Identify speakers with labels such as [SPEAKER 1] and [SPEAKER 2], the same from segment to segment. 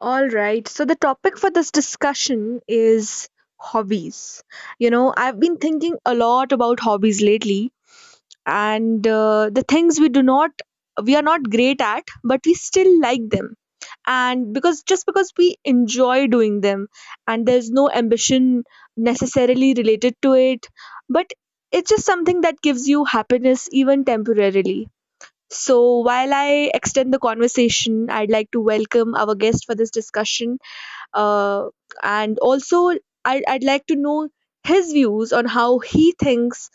[SPEAKER 1] All right. So the topic for this discussion is hobbies. You know, I've been thinking a lot about hobbies lately and the things we are not great at but we still like them. And because just because we enjoy doing them and there's no ambition necessarily related to it, but it's just something that gives you happiness even temporarily. So, while I extend the conversation, I'd like to welcome our guest for this discussion, uh, and also I'd like to know his views on how he thinks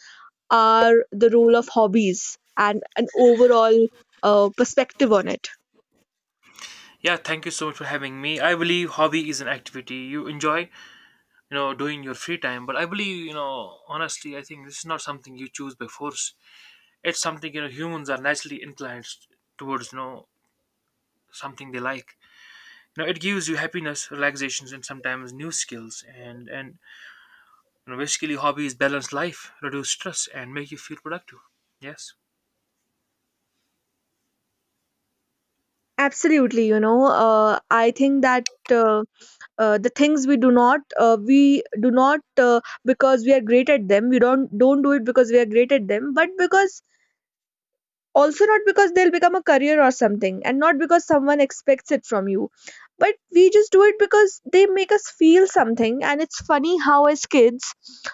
[SPEAKER 1] are the role of hobbies and an overall perspective on it.
[SPEAKER 2] Yeah, thank you so much for having me. I believe hobby is an activity you enjoy doing your free time. But I believe honestly, I think this is not something you choose by force. It's something humans are naturally inclined towards, something they like. It gives you happiness, relaxations, and sometimes new skills. And basically, hobbies balance life, reduce stress, and make you feel productive. Yes.
[SPEAKER 1] Absolutely. You know, I think that the things we do not, because we are great at them, we don't do it because we are great at them, but because, also, not because they'll become a career or something, and not because someone expects it from you, but we just do it because they make us feel something. And it's funny how as kids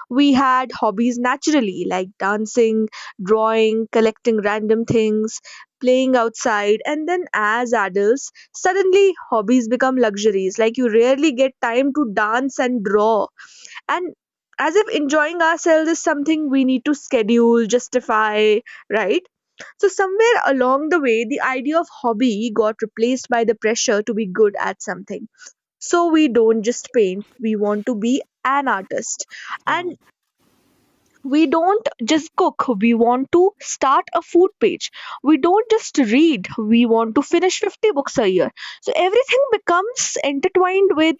[SPEAKER 1] we had hobbies naturally, like dancing, drawing, collecting random things, playing outside. And then as adults suddenly hobbies become luxuries, like you rarely get time to dance and draw, and as if enjoying ourselves is something we need to schedule, justify, right? So, somewhere along the way, the idea of hobby got replaced by the pressure to be good at something. So, we don't just paint, we want to be an artist. And
[SPEAKER 2] Hmm.
[SPEAKER 1] we don't just cook, we want to start a food page. We don't just read, we want to finish 50 books a year. So everything becomes intertwined with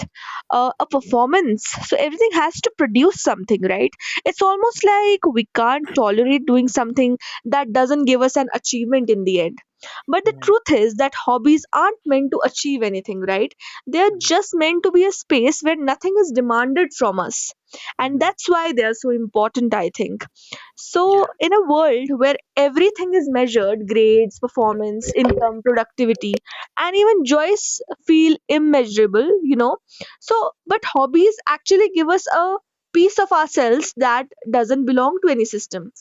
[SPEAKER 1] a performance. So everything has to produce something, right? It's almost like we can't tolerate doing something that doesn't give us an achievement in the end. But the
[SPEAKER 2] Hmm.
[SPEAKER 1] truth is that hobbies aren't meant to achieve anything, right? They're just meant to be a space where nothing is demanded from us, and
[SPEAKER 2] Hmm.
[SPEAKER 1] that's why they are so important, I think. So,
[SPEAKER 2] Yeah.
[SPEAKER 1] in a world where everything is measured, grades, performance, income, productivity, and even joys feel immeasurable, you know. So, but hobbies actually give us a piece of ourselves that doesn't belong to any system.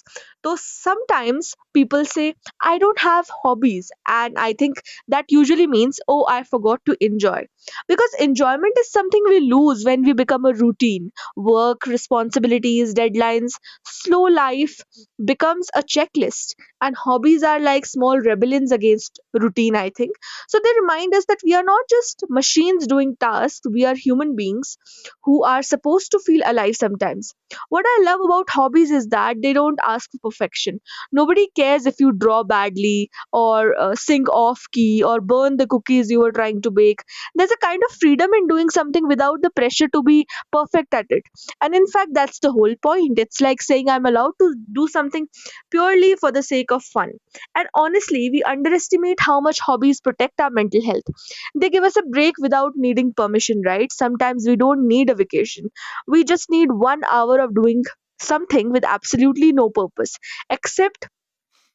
[SPEAKER 1] So, sometimes people say, I don't have hobbies, and I think that usually means, oh, I forgot to enjoy. Because enjoyment is something we lose when we become a routine, work, responsibilities, deadlines, slow life becomes a checklist, and hobbies are like small rebellions against routine, I think. So they remind us that we are not just machines doing tasks, we are human beings who are supposed to feel alive sometimes. What I love about hobbies is that they don't ask for perfection. Nobody cares if you draw badly or sing off key or burn the cookies you were trying to bake. There's a kind of freedom in doing something without the pressure to be perfect at it. And in fact, that's the whole point. It's like saying I'm allowed to do something purely for the sake of fun. And honestly, we underestimate how much hobbies protect our mental health. They give us a break without needing permission, right? Sometimes we don't need a vacation. We just need one hour of doing something with absolutely no purpose, except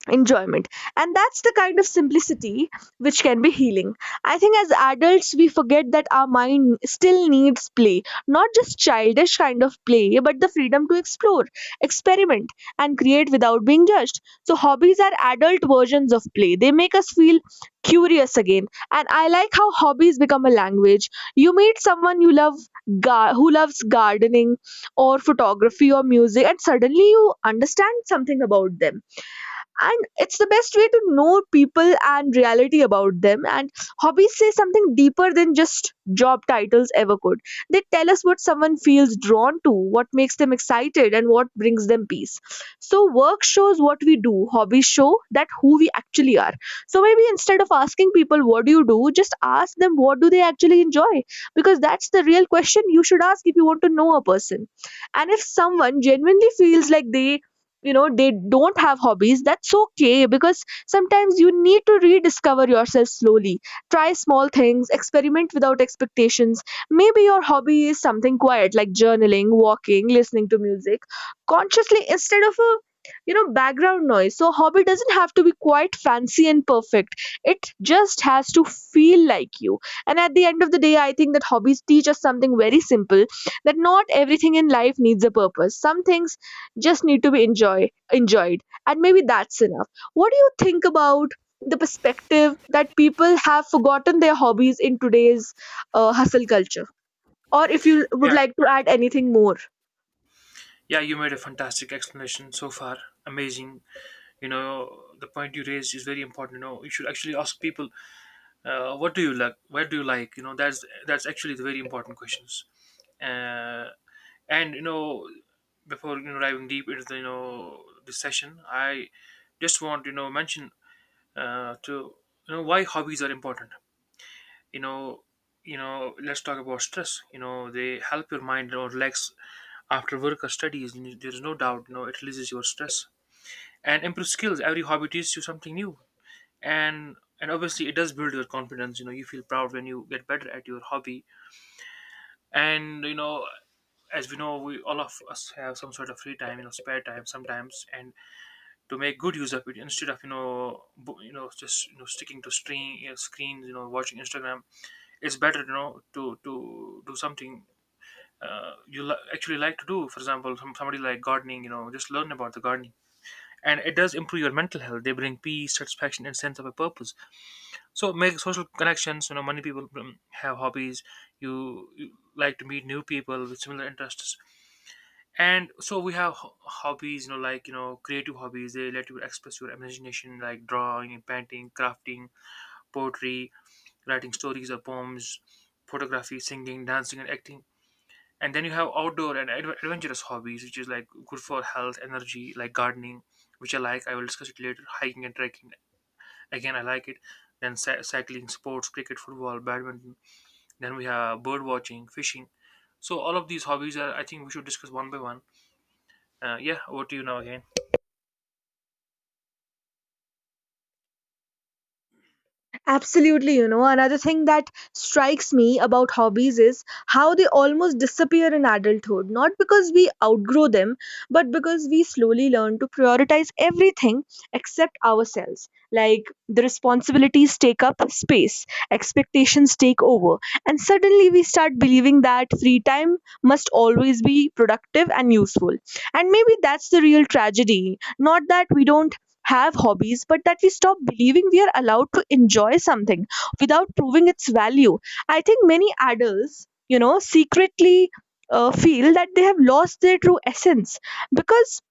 [SPEAKER 1] enjoyment, and that's the kind of simplicity which can be healing. I think as adults we forget that our mind still needs play, not just childish kind of play but the freedom to explore, experiment, and create without being judged. So hobbies are adult versions of play, they make us feel curious again. And I like how hobbies become a language. You meet someone you love, who loves gardening or photography or music, and suddenly you understand something about them, and it's the best way to know people and reality about them. And hobbies say something deeper than just job titles ever could. They tell us what someone feels drawn to, what makes them excited, and what brings them peace. So work shows what we do, hobbies show that who we actually are. So maybe instead of asking people what do you do, just ask them what do they actually enjoy, because that's the real question you should ask if you want to know a person. And if someone genuinely feels like they you know they don't have hobbies, that's okay, because sometimes you need to rediscover yourself slowly, try small things, experiment without expectations. Maybe your hobby is something quiet like journaling, walking, listening to music consciously instead of a background noise. So hobby doesn't have to be quite fancy and perfect, it just has to feel like you. And at the end of the day, I think that hobbies teach us something very simple, that not everything in life needs a purpose, some things just need to be enjoyed, and maybe that's enough. What do you think about the perspective that people have forgotten their hobbies in today's hustle culture, or if you
[SPEAKER 2] Yeah.
[SPEAKER 1] would like to add anything more?
[SPEAKER 2] Yeah, you made a fantastic explanation so far. Amazing. The point you raised is very important. You should actually ask people, what do you like? Where do you like? That's actually the very important questions. Uh, and you know, Before diving deep into the, you know this session, I just want to, you know mention to you know why hobbies are important you know you know let's talk about stress, they help your mind, relax after work or studies. There's no doubt, it releases your stress and improves skills. Every hobby teaches you something new, and and obviously it does build your confidence. You feel proud when you get better at your hobby. And as we know, we all of us have some sort of free time, spare time, sometimes, and to make good use of it, instead of just sticking to screens, watching Instagram. It's better to do something actually like to do. For example, somebody like gardening, just learn about the gardening, and it does improve your mental health. They bring peace, satisfaction, and sense of a purpose. So make social connections. Many people have hobbies. You like to meet new people with similar interests. And so we have hobbies, like creative hobbies. They let you express your imagination, like drawing, painting, crafting, poetry, writing stories or poems, photography, singing, dancing, and acting. And then you have outdoor and adventurous hobbies, which is like good for health, energy, like gardening, which I like, I will discuss it later, hiking and trekking. Again, I like it. Then cycling, sports, cricket, football, badminton. Then we have bird watching, fishing. So all of these hobbies, are I think, we should discuss one by one. Yeah, over to you now again.
[SPEAKER 1] Absolutely, you know, another thing that strikes me about hobbies is how they almost disappear in adulthood, not because we outgrow them, but because we slowly learn to prioritize everything except ourselves. Like the responsibilities take up space, expectations take over, and suddenly we start believing that free time must always be productive and useful. And maybe that's the real tragedy, not that we don't have hobbies, but that we stop believing we are allowed to enjoy something without proving its value. I think many adults, you know, secretly feel that they have lost their true essence, because,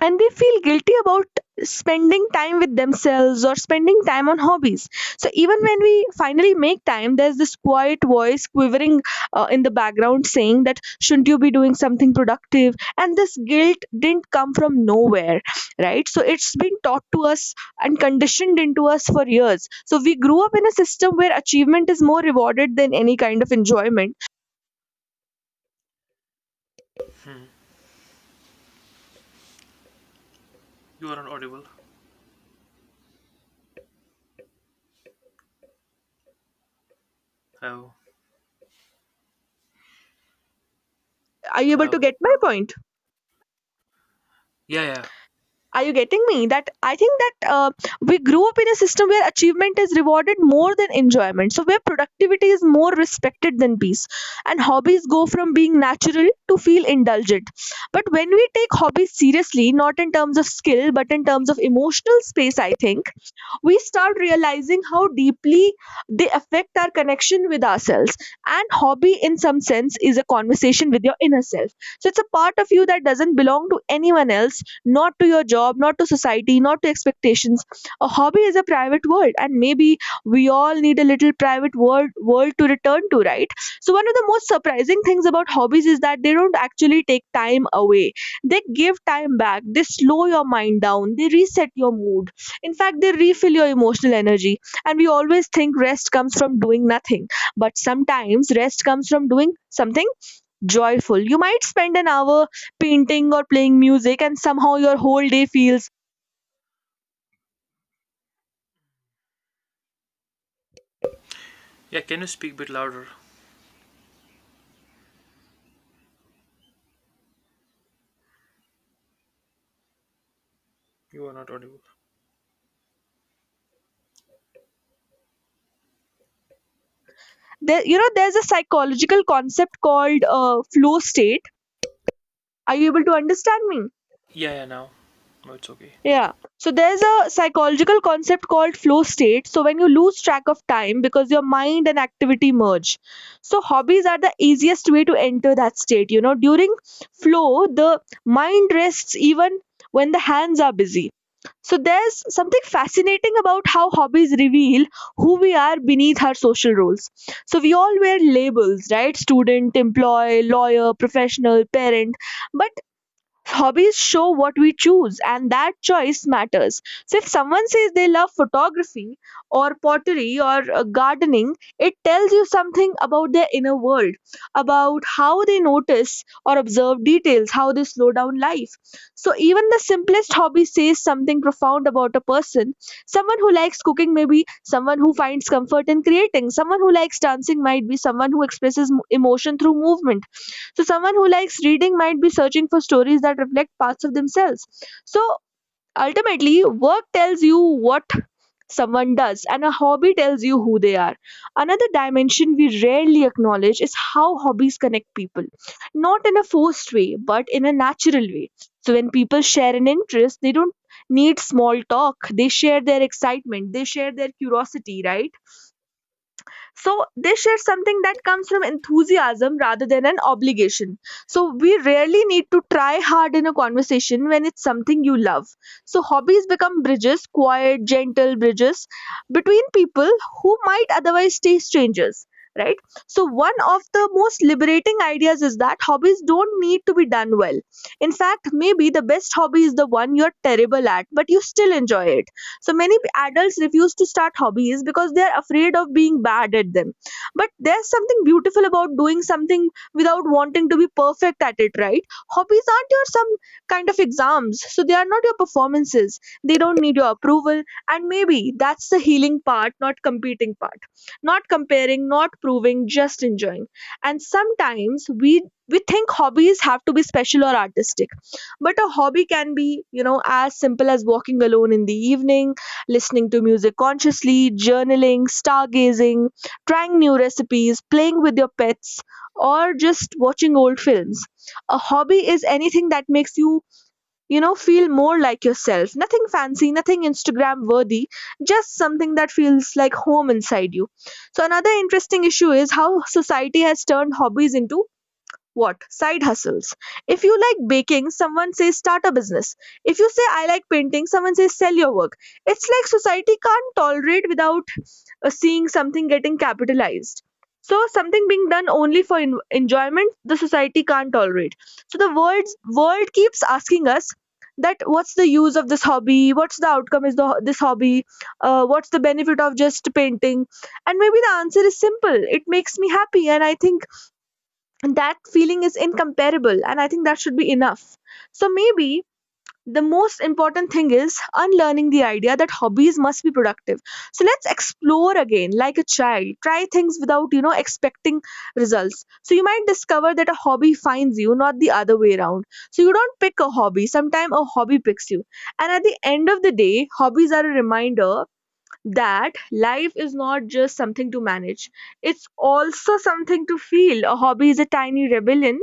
[SPEAKER 1] and they feel guilty about spending time with themselves or spending time on hobbies. So even when we finally make time, there's this quiet voice quivering in the background saying that shouldn't you be doing something productive, and this guilt didn't come from nowhere, right? So it's been taught to us and conditioned into us for years, so we grew up in a system where achievement is more rewarded than any kind of enjoyment.
[SPEAKER 2] Hmm. You are not audible. Hello.
[SPEAKER 1] Are you able to
[SPEAKER 2] Hello.
[SPEAKER 1] get my point?
[SPEAKER 2] Yeah, yeah.
[SPEAKER 1] Are you getting me? That I think that we grew up in a system where achievement is rewarded more than enjoyment, so where productivity is more respected than peace, and hobbies go from being natural to feel indulgent. But when we take hobbies seriously, not in terms of skill but in terms of emotional space, I think we start realizing how deeply they affect our connection with ourselves. And hobby, in some sense, is a conversation with your inner self. So it's a part of you that doesn't belong to anyone else, not to your job, not to society, not to expectations. A hobby is a private world, and maybe we all need a little private world to return to, right? So one of the most surprising things about hobbies is that they don't actually take time away. They give time back. They slow your mind down. They reset your mood, in fact, they refill your emotional energy. And we always think rest comes from doing nothing. But sometimes rest comes from doing something joyful. You might spend an hour painting or playing music, and somehow your whole day feels.
[SPEAKER 2] Yeah, can you speak a bit louder? You are not audible.
[SPEAKER 1] There, you know, there's a psychological concept called flow state. Are you able to understand me?
[SPEAKER 2] Yeah, yeah, now. No, it's okay.
[SPEAKER 1] Yeah. So there's a psychological concept called flow state. So when you lose track of time because your mind and activity merge. So hobbies are the easiest way to enter that state. You know, during flow, the mind rests even when the hands are busy. So there's something fascinating about how hobbies reveal who we are beneath our social roles. So we all wear labels, right? Student, employee, lawyer, professional, parent. But hobbies show what we choose, and that choice matters. So, if someone says they love photography or pottery or gardening, it tells you something about their inner world, about how they notice or observe details, how they slow down life. So, even the simplest hobby says something profound about a person. Someone who likes cooking may be someone who finds comfort in creating, someone who likes dancing might be someone who expresses emotion through movement, so someone who likes reading might be searching for stories that reflect parts of themselves. So ultimately, work tells you what someone does and a hobby tells you who they are. Another dimension we rarely acknowledge is how hobbies connect people. Not in a forced way, but in a natural way. So when people share an interest, they don't need small talk. They share their excitement, they share their curiosity, right? So they share something that comes from enthusiasm rather than an obligation. So we rarely need to try hard in a conversation when it's something you love. So hobbies become bridges, quiet, gentle bridges between people who might otherwise stay strangers. Right? So, one of the most liberating ideas is that hobbies don't need to be done well. In fact, maybe the best hobby is the one you're terrible at, but you still enjoy it. So many adults refuse to start hobbies because they are afraid of being bad at them, but there's something beautiful about doing something without wanting to be perfect at it, right? Hobbies aren't your some kind of exams, so they are not your performances, they don't need your approval. And maybe that's the healing part, not competing part, not comparing, not proving, just enjoying. And sometimes we think hobbies have to be special or artistic, but a hobby can be, as simple as walking alone in the evening, listening to music consciously, journaling, stargazing, trying new recipes, playing with your pets, or just watching old films. A hobby is anything that makes you, feel more like yourself. Nothing fancy, nothing Instagram worthy, just something that feels like home inside you. So, another interesting issue is how society has turned hobbies into what? Side hustles. If you like baking, someone says start a business. If you say I like painting, someone says sell your work. It's like society can't tolerate without seeing something getting capitalized. So something being done only for enjoyment, the society can't tolerate. So the world keeps asking us that what's the use of this hobby? What's the outcome is the this hobby? What's the benefit of just painting? And maybe the answer is simple. It makes me happy, and I think and that feeling is incomparable, and I think that should be enough. So maybe the most important thing is unlearning the idea that hobbies must be productive. So let's explore again like a child, try things without expecting results. So you might discover that a hobby finds you, not the other way around. So you don't pick a hobby, sometimes a hobby picks you. And at the end of the day, hobbies are a reminder that life is not just something to manage, it's also something to feel. A hobby is a tiny rebellion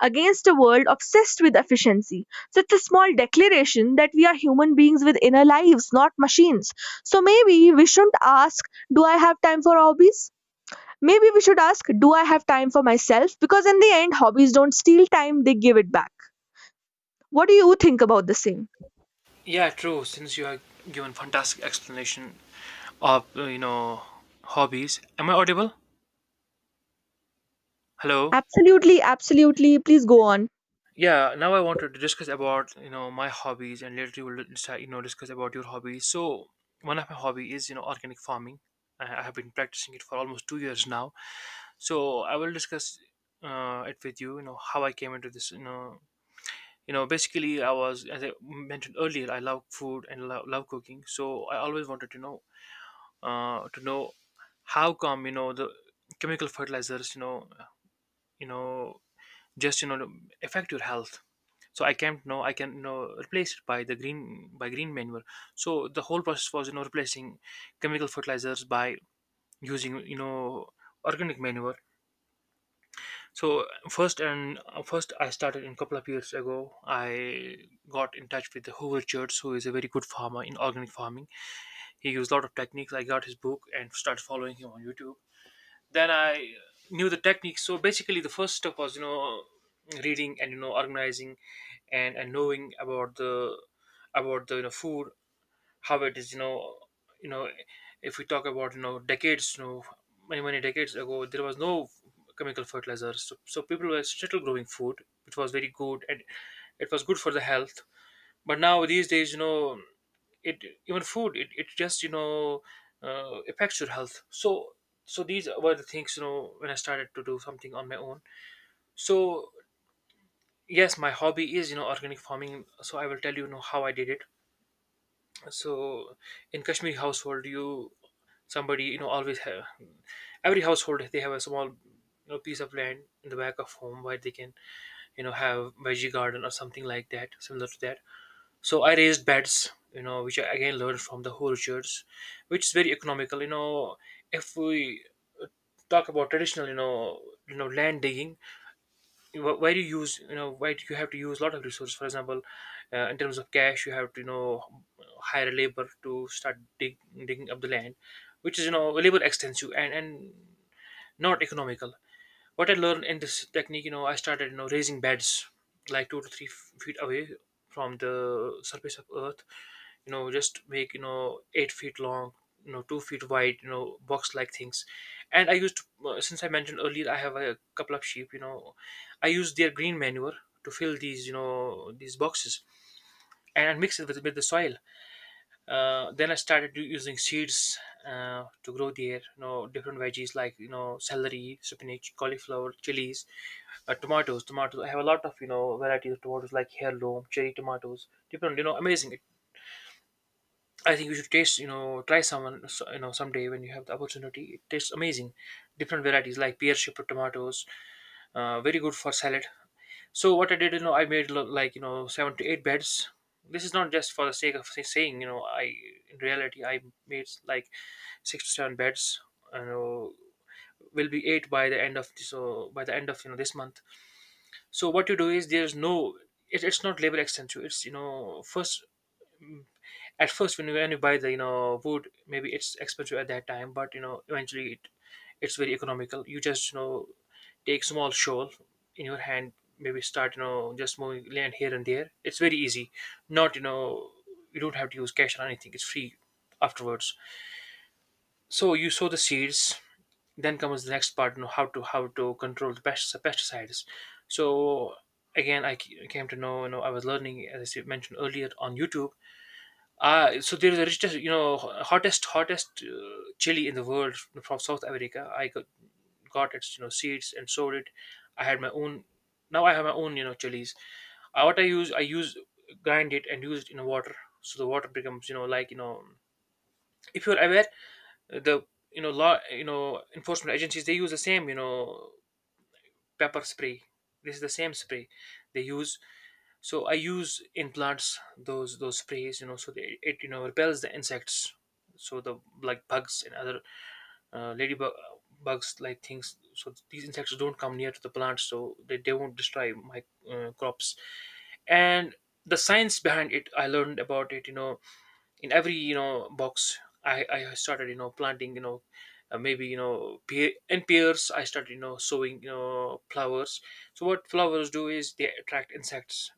[SPEAKER 1] against a world obsessed with efficiency. So it's a small declaration that we are human beings with inner lives, not machines. So maybe we shouldn't ask, do I have time for hobbies? Maybe we should ask, do I have time for myself? Because in the end, hobbies don't steal time, they give it back. What do you think about the same?
[SPEAKER 2] Yeah, true. Since you have given fantastic explanation of hobbies, am I audible? Hello.
[SPEAKER 1] Absolutely, absolutely. Please go on.
[SPEAKER 2] Yeah, now I wanted to discuss about my hobbies, and later you will decide, discuss about your hobbies. So one of my hobby is organic farming. I have been practicing it for almost 2 years now. So I will discuss it with you, you know how I came into this. Basically, I was, as I mentioned earlier, I love food and love cooking, so I always wanted to know how come, the chemical fertilizers, you know just affect your health. So I can't know I can replace it by green manure. So the whole process was replacing chemical fertilizers by using organic manure. So first I started, in a couple of years ago I got in touch with the Hoover Church, who is a very good farmer in organic farming. He used a lot of techniques. I got his book and started following him on YouTube. Then I knew the techniques. So basically, the first step was reading and organizing, and knowing about the food, how it is. you know if we talk about, decades, many decades ago there was no chemical fertilizers, so people were still growing food, which was very good, and it was good for the health. But now these days, it even food, it just affects your health. So these were the things, when I started to do something on my own. So yes, my hobby is organic farming, so I will tell you, you know how I did it. So in Kashmiri household, you somebody you know always have, every household they have a small piece of land in the back of home, where they can have veggie garden, or something like that, similar to that. So I raised beds, which I again learned from the orchards, which is very economical. If we uh, talk about traditional, land digging, where you have to use a lot of resources. For example, in terms of cash, you have to, hire labor to start digging up the land, which is, labor extensive, and not economical. What I learned in this technique, I started, raising beds like two to three feet away from the surface of earth. Just make 8 feet long, 2 feet wide, box like things. And I used, to, since I mentioned earlier, I have a couple of sheep, I use their green manure to fill these boxes, and mix it with the soil. Then I started using seeds to grow there. Different veggies like celery, spinach, cauliflower, chilies, tomatoes. Tomatoes. I have a lot of varieties of tomatoes, like heirloom, cherry tomatoes. Different. Amazing. I think you should taste, try someone, so- you know, someday when you have the opportunity. It tastes amazing. Different varieties like pear shaped tomatoes, very good for salad. So what I did, I made seven to eight beds. This is not just for the sake of saying. I in reality I made like six to seven beds. You know, will be eight by the end of this month. So what you do is, there's no, it's not label extensive. It's mm, at first, when you buy the wood, maybe it's expensive at that time, but eventually it's very economical. You just take small shovel in your hand, maybe start just moving land here and there. It's very easy. Not you don't have to use cash or anything. It's free afterwards. So you sow the seeds. Then comes the next part, how to control the pest, the pesticides. So again, I came to know, I was learning as I mentioned earlier on YouTube. So there's a richest, you know, hottest, hottest chili in the world, from South America. I got its seeds and sowed it. I had my own. Now I have my own, chilies. What I use, I use, grind it and use it in water, so the water becomes, if you're aware, the law enforcement agencies, they use the same, pepper spray. This is the same spray they use. So I use in plants those sprays, so it repels the insects, so the, like, bugs and other ladybug bugs like things. So these insects don't come near to the plants, so they won't destroy my crops. And the science behind it, I learned about it, in every box I started planting, maybe pears, I started sowing flowers. So what flowers do is they attract insects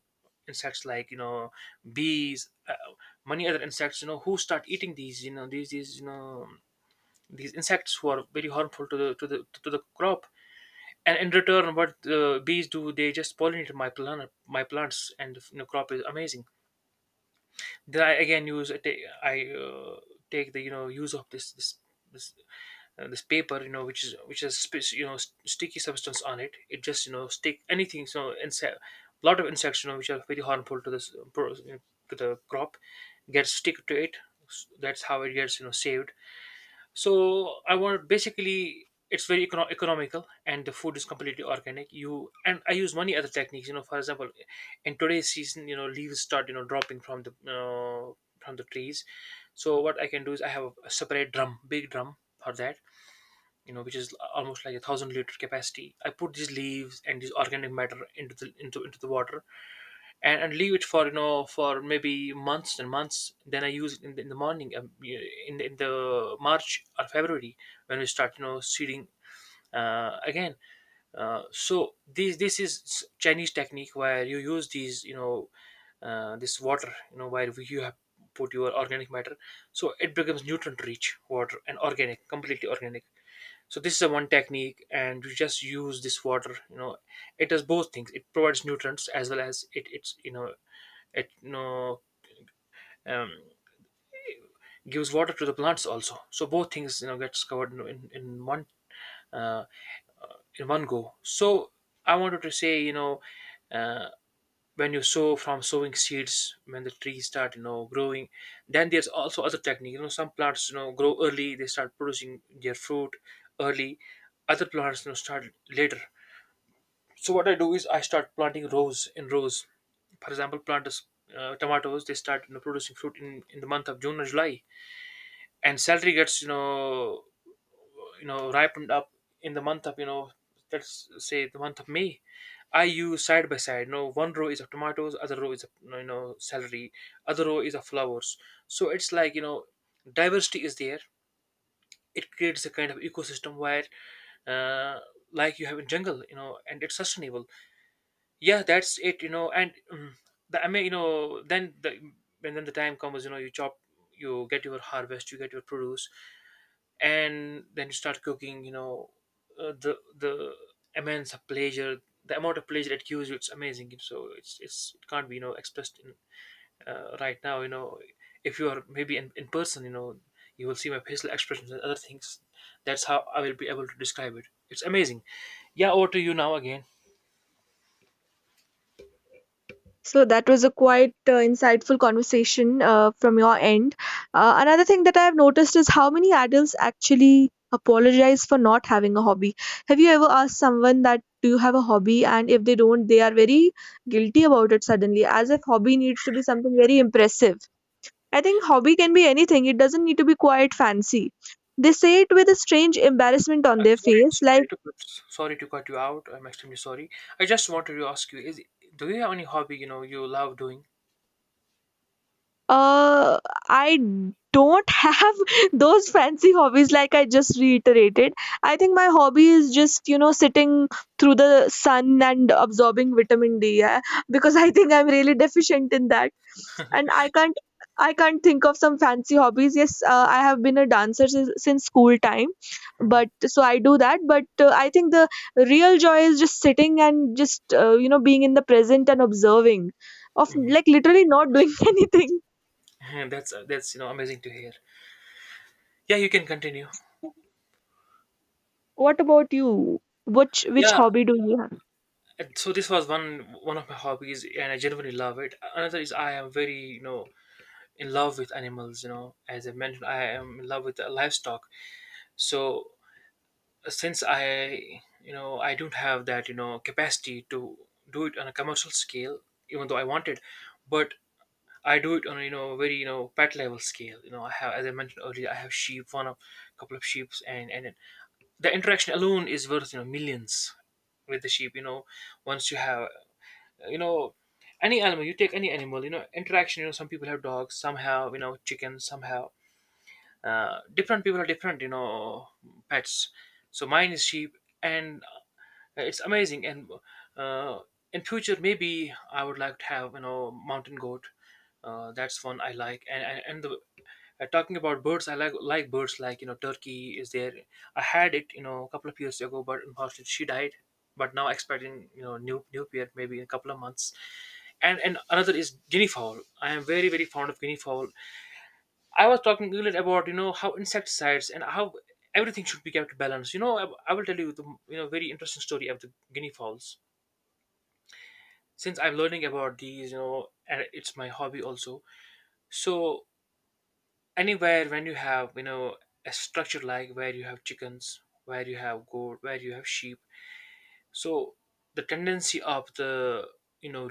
[SPEAKER 2] insects like bees, many other insects, who start eating these you know these you know these insects who are very harmful to the crop. And in return, what the bees do, they just pollinate my plants, and crop is amazing. Then I again use I take the use of this this paper, which has sticky substance on it. It just stick anything, so insect lot of insects which are very harmful to this to the crop gets stick to it. That's how it gets saved. So I want, basically it's very economical, and the food is completely organic. You and I use many other techniques, for example, in today's season, leaves start dropping from the trees. So what I can do is I have a separate drum, big drum for that, which is almost like a 1,000 liter capacity. I put these leaves and this organic matter into the water, and leave it for, for maybe months and months. Then I use it in the morning, in, in the March or February, when we start seeding again. So this is Chinese technique where you use these, this water, where you have put your organic matter, so it becomes nutrient rich water, and organic, completely organic. So this is a one technique, and you just use this water. It does both things: it provides nutrients as well as it's, you know it you know um, gives water to the plants also, so both things, gets covered Uh, in one go. So I wanted to say, uh, when you sow from sowing seeds, when the trees start, growing, then there's also other technique. Some plants, grow early; they start producing their fruit early. Other plants, start later. So what I do is I start planting rows in rows. For example, plant is, tomatoes; they start, producing fruit in the month of June or July, and celery gets, ripened up in the month of, let's say, the month of May. I use side by side. No, one row is of tomatoes, other row is of celery, other row is of flowers. So it's like, diversity is there. It creates a kind of ecosystem where, uh, like you have in jungle, and it's sustainable. Yeah, that's it, and I mean, you know, then the and then the time comes, you chop, you get your harvest, you get your produce, and then you start cooking, the immense pleasure, the amount of pleasure it gives you, it's amazing. So it can't be expressed in. Right now, if you are maybe in person, you will see my facial expressions and other things. That's how I will be able to describe it. It's amazing. Yeah, over to you now again.
[SPEAKER 1] So that was a quite insightful conversation from your end. Another thing that I have noticed is how many adults actually apologize for not having a hobby. Have you ever asked someone that do you have a hobby? And if they don't, they are very guilty about it suddenly, as if hobby needs to be something very impressive. I think hobby can be anything. It doesn't need to be quite fancy. They say it with a strange embarrassment on their
[SPEAKER 2] Sorry,
[SPEAKER 1] face,
[SPEAKER 2] sorry
[SPEAKER 1] like
[SPEAKER 2] to sorry to cut you out, I'm extremely sorry. I just wanted to ask you is, do you have any hobby you love doing?
[SPEAKER 1] uh I don't have those fancy hobbies like I just reiterated. I think my hobby is just sitting through the sun and absorbing vitamin D, yeah? Because I think I'm really deficient in that. And I can't think of some fancy hobbies. Yes, I have been a dancer since school time,
[SPEAKER 2] Hmm.
[SPEAKER 1] but so I do that. But I think the real joy is just sitting and just being in the present and observing of,
[SPEAKER 2] Mhm.
[SPEAKER 1] like, literally not doing anything.
[SPEAKER 2] That's amazing to hear. Yeah, you can continue.
[SPEAKER 1] What about you? Which
[SPEAKER 2] Yeah,
[SPEAKER 1] hobby do you—
[SPEAKER 2] and so this was one of my hobbies, and I genuinely love it. Another is I am very in love with animals. As I mentioned, I am in love with the livestock. So, since I don't have that capacity to do it on a commercial scale, even though I want it, but I do it on a, very pet level scale. I have, as I mentioned earlier, I have sheep, one of couple of sheep, and the interaction alone is worth, millions, with the sheep. Once you have, you know any animal you take, any animal, interaction, some people have dogs, some have chickens, some have, different people have different pets, so mine is sheep. And it's amazing. And uh, in future maybe I would like to have, mountain goat. That's one I like. And the Talking about birds, I like birds like, turkey is there. I had it, a couple of years ago, but unfortunately she died. But now expecting, new pair maybe in a couple of months. And another is guinea fowl. I am very very fond of guinea fowl. I was talking earlier about, how insecticides and how everything should be kept balanced. I will tell you the, very interesting story of the guinea fowls. Since I'm learning about these, and it's my hobby also. So anywhere when you have, a structure like where you have chickens, where you have goat, where you have sheep, so the tendency of the, you know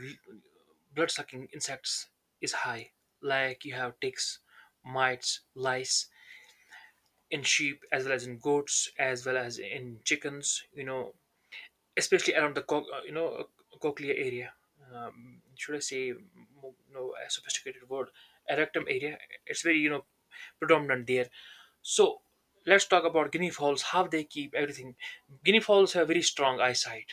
[SPEAKER 2] blood sucking insects is high, like you have ticks, mites, lice in sheep as well as in goats as well as in chickens, especially around the cochlea area. Should I say, a sophisticated word, erectum area. It's very, predominant there. So let's talk about guinea fowls, how they keep everything. Guinea fowls have very strong eyesight.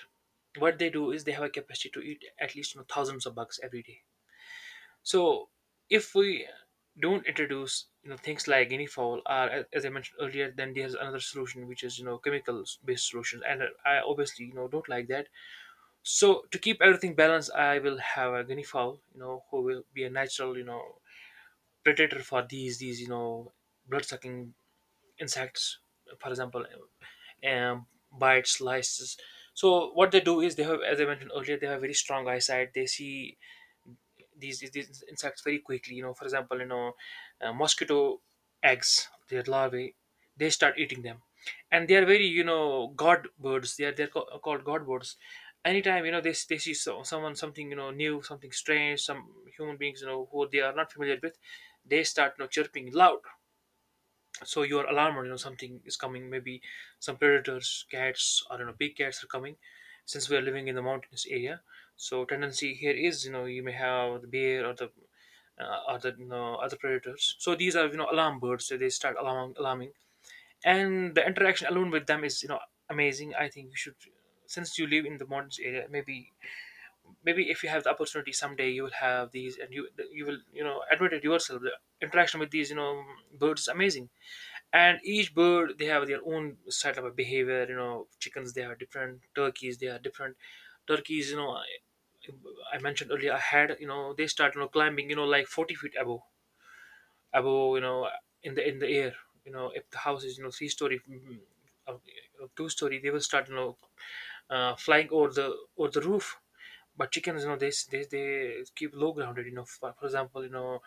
[SPEAKER 2] What they do is they have a capacity to eat at least, thousands of bugs every day. So if we don't introduce, things like guinea fowl, or as I mentioned earlier, then there's another solution which is, chemicals based solutions, and I obviously, don't like that. So to keep everything balanced, I will have a guinea fowl, who will be a natural, predator for these, blood sucking insects, for example, um, bites, lices. So what they do is they have, as I mentioned earlier, they have very strong eyesight. They see these insects very quickly. For example, mosquito eggs, their larvae, they start eating them. And they are very, god birds. They're called god birds. Anytime, they see, someone, something, new, something strange, some human beings, who they are not familiar with, they start, chirping loud. So you are alarmed, something is coming. Maybe some predators, cats, I don't know, big cats are coming. Since we are living in the mountainous area, so tendency here is, you may have the bear or the, other predators. So these are, alarm birds. So they start alarming, and the interaction alone with them is, amazing. I think you should, since you live in the mountains area, maybe, maybe if you have the opportunity someday, you will have these, and you will, admit it yourself, the interaction with these, birds is amazing. And each bird, they have their own style of behavior, chickens they are different, turkeys they are different. Turkeys, I mentioned earlier I had, they start, climbing, like 40 feet above, above, in the air. If the house is, 3 story, uh, 2 story, they will start, flying over the roof. But chickens, they keep low grounded, for example, you know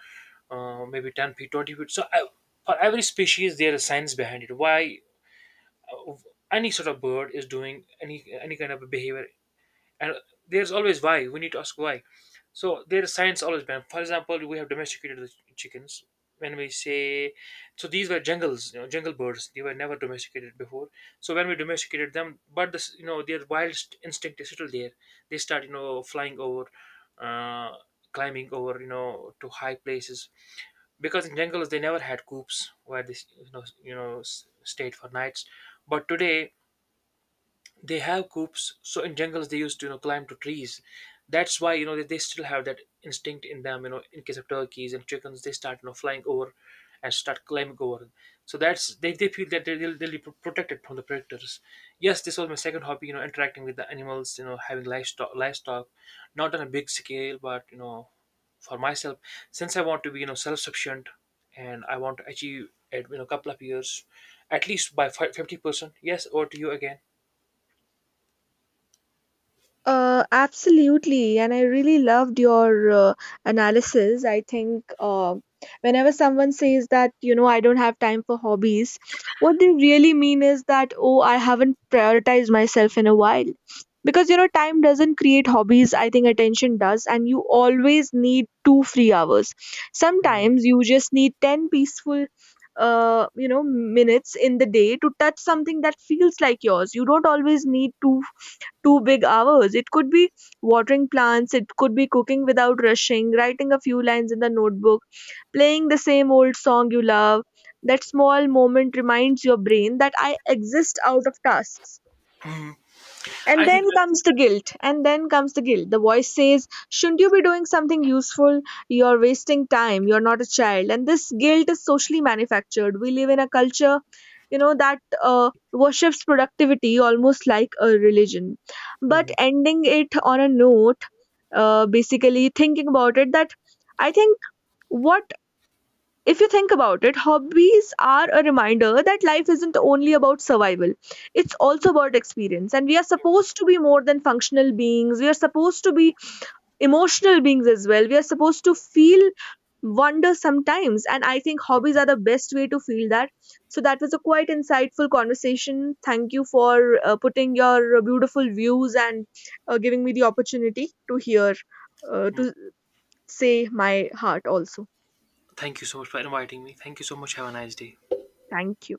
[SPEAKER 2] uh, maybe 10 feet, 20 feet, so I, for every species there is science behind it why, of any sort of bird is doing any kind of a behavior. And there's always why, we need to ask why. So there is science always been, for example, we have domesticated the chickens when we say. So these were jungles, jungle birds, they were never domesticated before. So when we domesticated them, but this, their wild instinct is still there. They start, flying over, uh climbing over, to high places, because in jungles they never had coops where they, stayed for nights. But today they have coops, so in jungles they used to, climb to trees. That's why, they still have that instinct in them, in case of turkeys and chickens, they start, flying over, and start climbing over. So that's, they feel that they'll be protected from the predators. Yes, this was my second hobby, interacting with the animals, having livestock, not on a big scale, but, for myself, since I want to be, self-sufficient, and I want to achieve at, couple of years, at least by 50%. Yes, over to you again.
[SPEAKER 1] Absolutely, and I really loved your analysis. I think whenever someone says that, you know, I don't have time for hobbies, what they really mean is that, oh, I haven't prioritized myself in a while. Because, you know, time doesn't create hobbies, I think attention does, and you always need two free hours.
[SPEAKER 2] Hmm.
[SPEAKER 1] Sometimes you just need 10 peaceful minutes in the day to touch something that feels like yours. You don't always need to two big hours. It could be watering plants, it could be cooking without rushing, writing a few lines in the notebook, playing the same old song you love. That small moment reminds your brain that I exist out of tasks. And
[SPEAKER 2] I think
[SPEAKER 1] then
[SPEAKER 2] that.
[SPEAKER 1] comes the guilt. And then comes the guilt. The voice says, shouldn't you be doing something useful? You're wasting time. You're not a child. And this guilt is socially manufactured. We live in a culture, that worships productivity almost like a religion. But
[SPEAKER 2] Mhm.
[SPEAKER 1] ending it on a note, basically thinking about it, that I think what if you think about it, hobbies are a reminder that life isn't only about survival. It's also about experience. And we are supposed to be more than functional beings. We are supposed to be emotional beings as well. We are supposed to feel wonder sometimes. And I think hobbies are the best way to feel that. So that was a quite insightful conversation. Thank you for putting your beautiful views and giving me the opportunity to hear, to say my heart also.
[SPEAKER 2] Thank you so much for inviting me. Thank you so much. Have a nice day.
[SPEAKER 1] Thank you.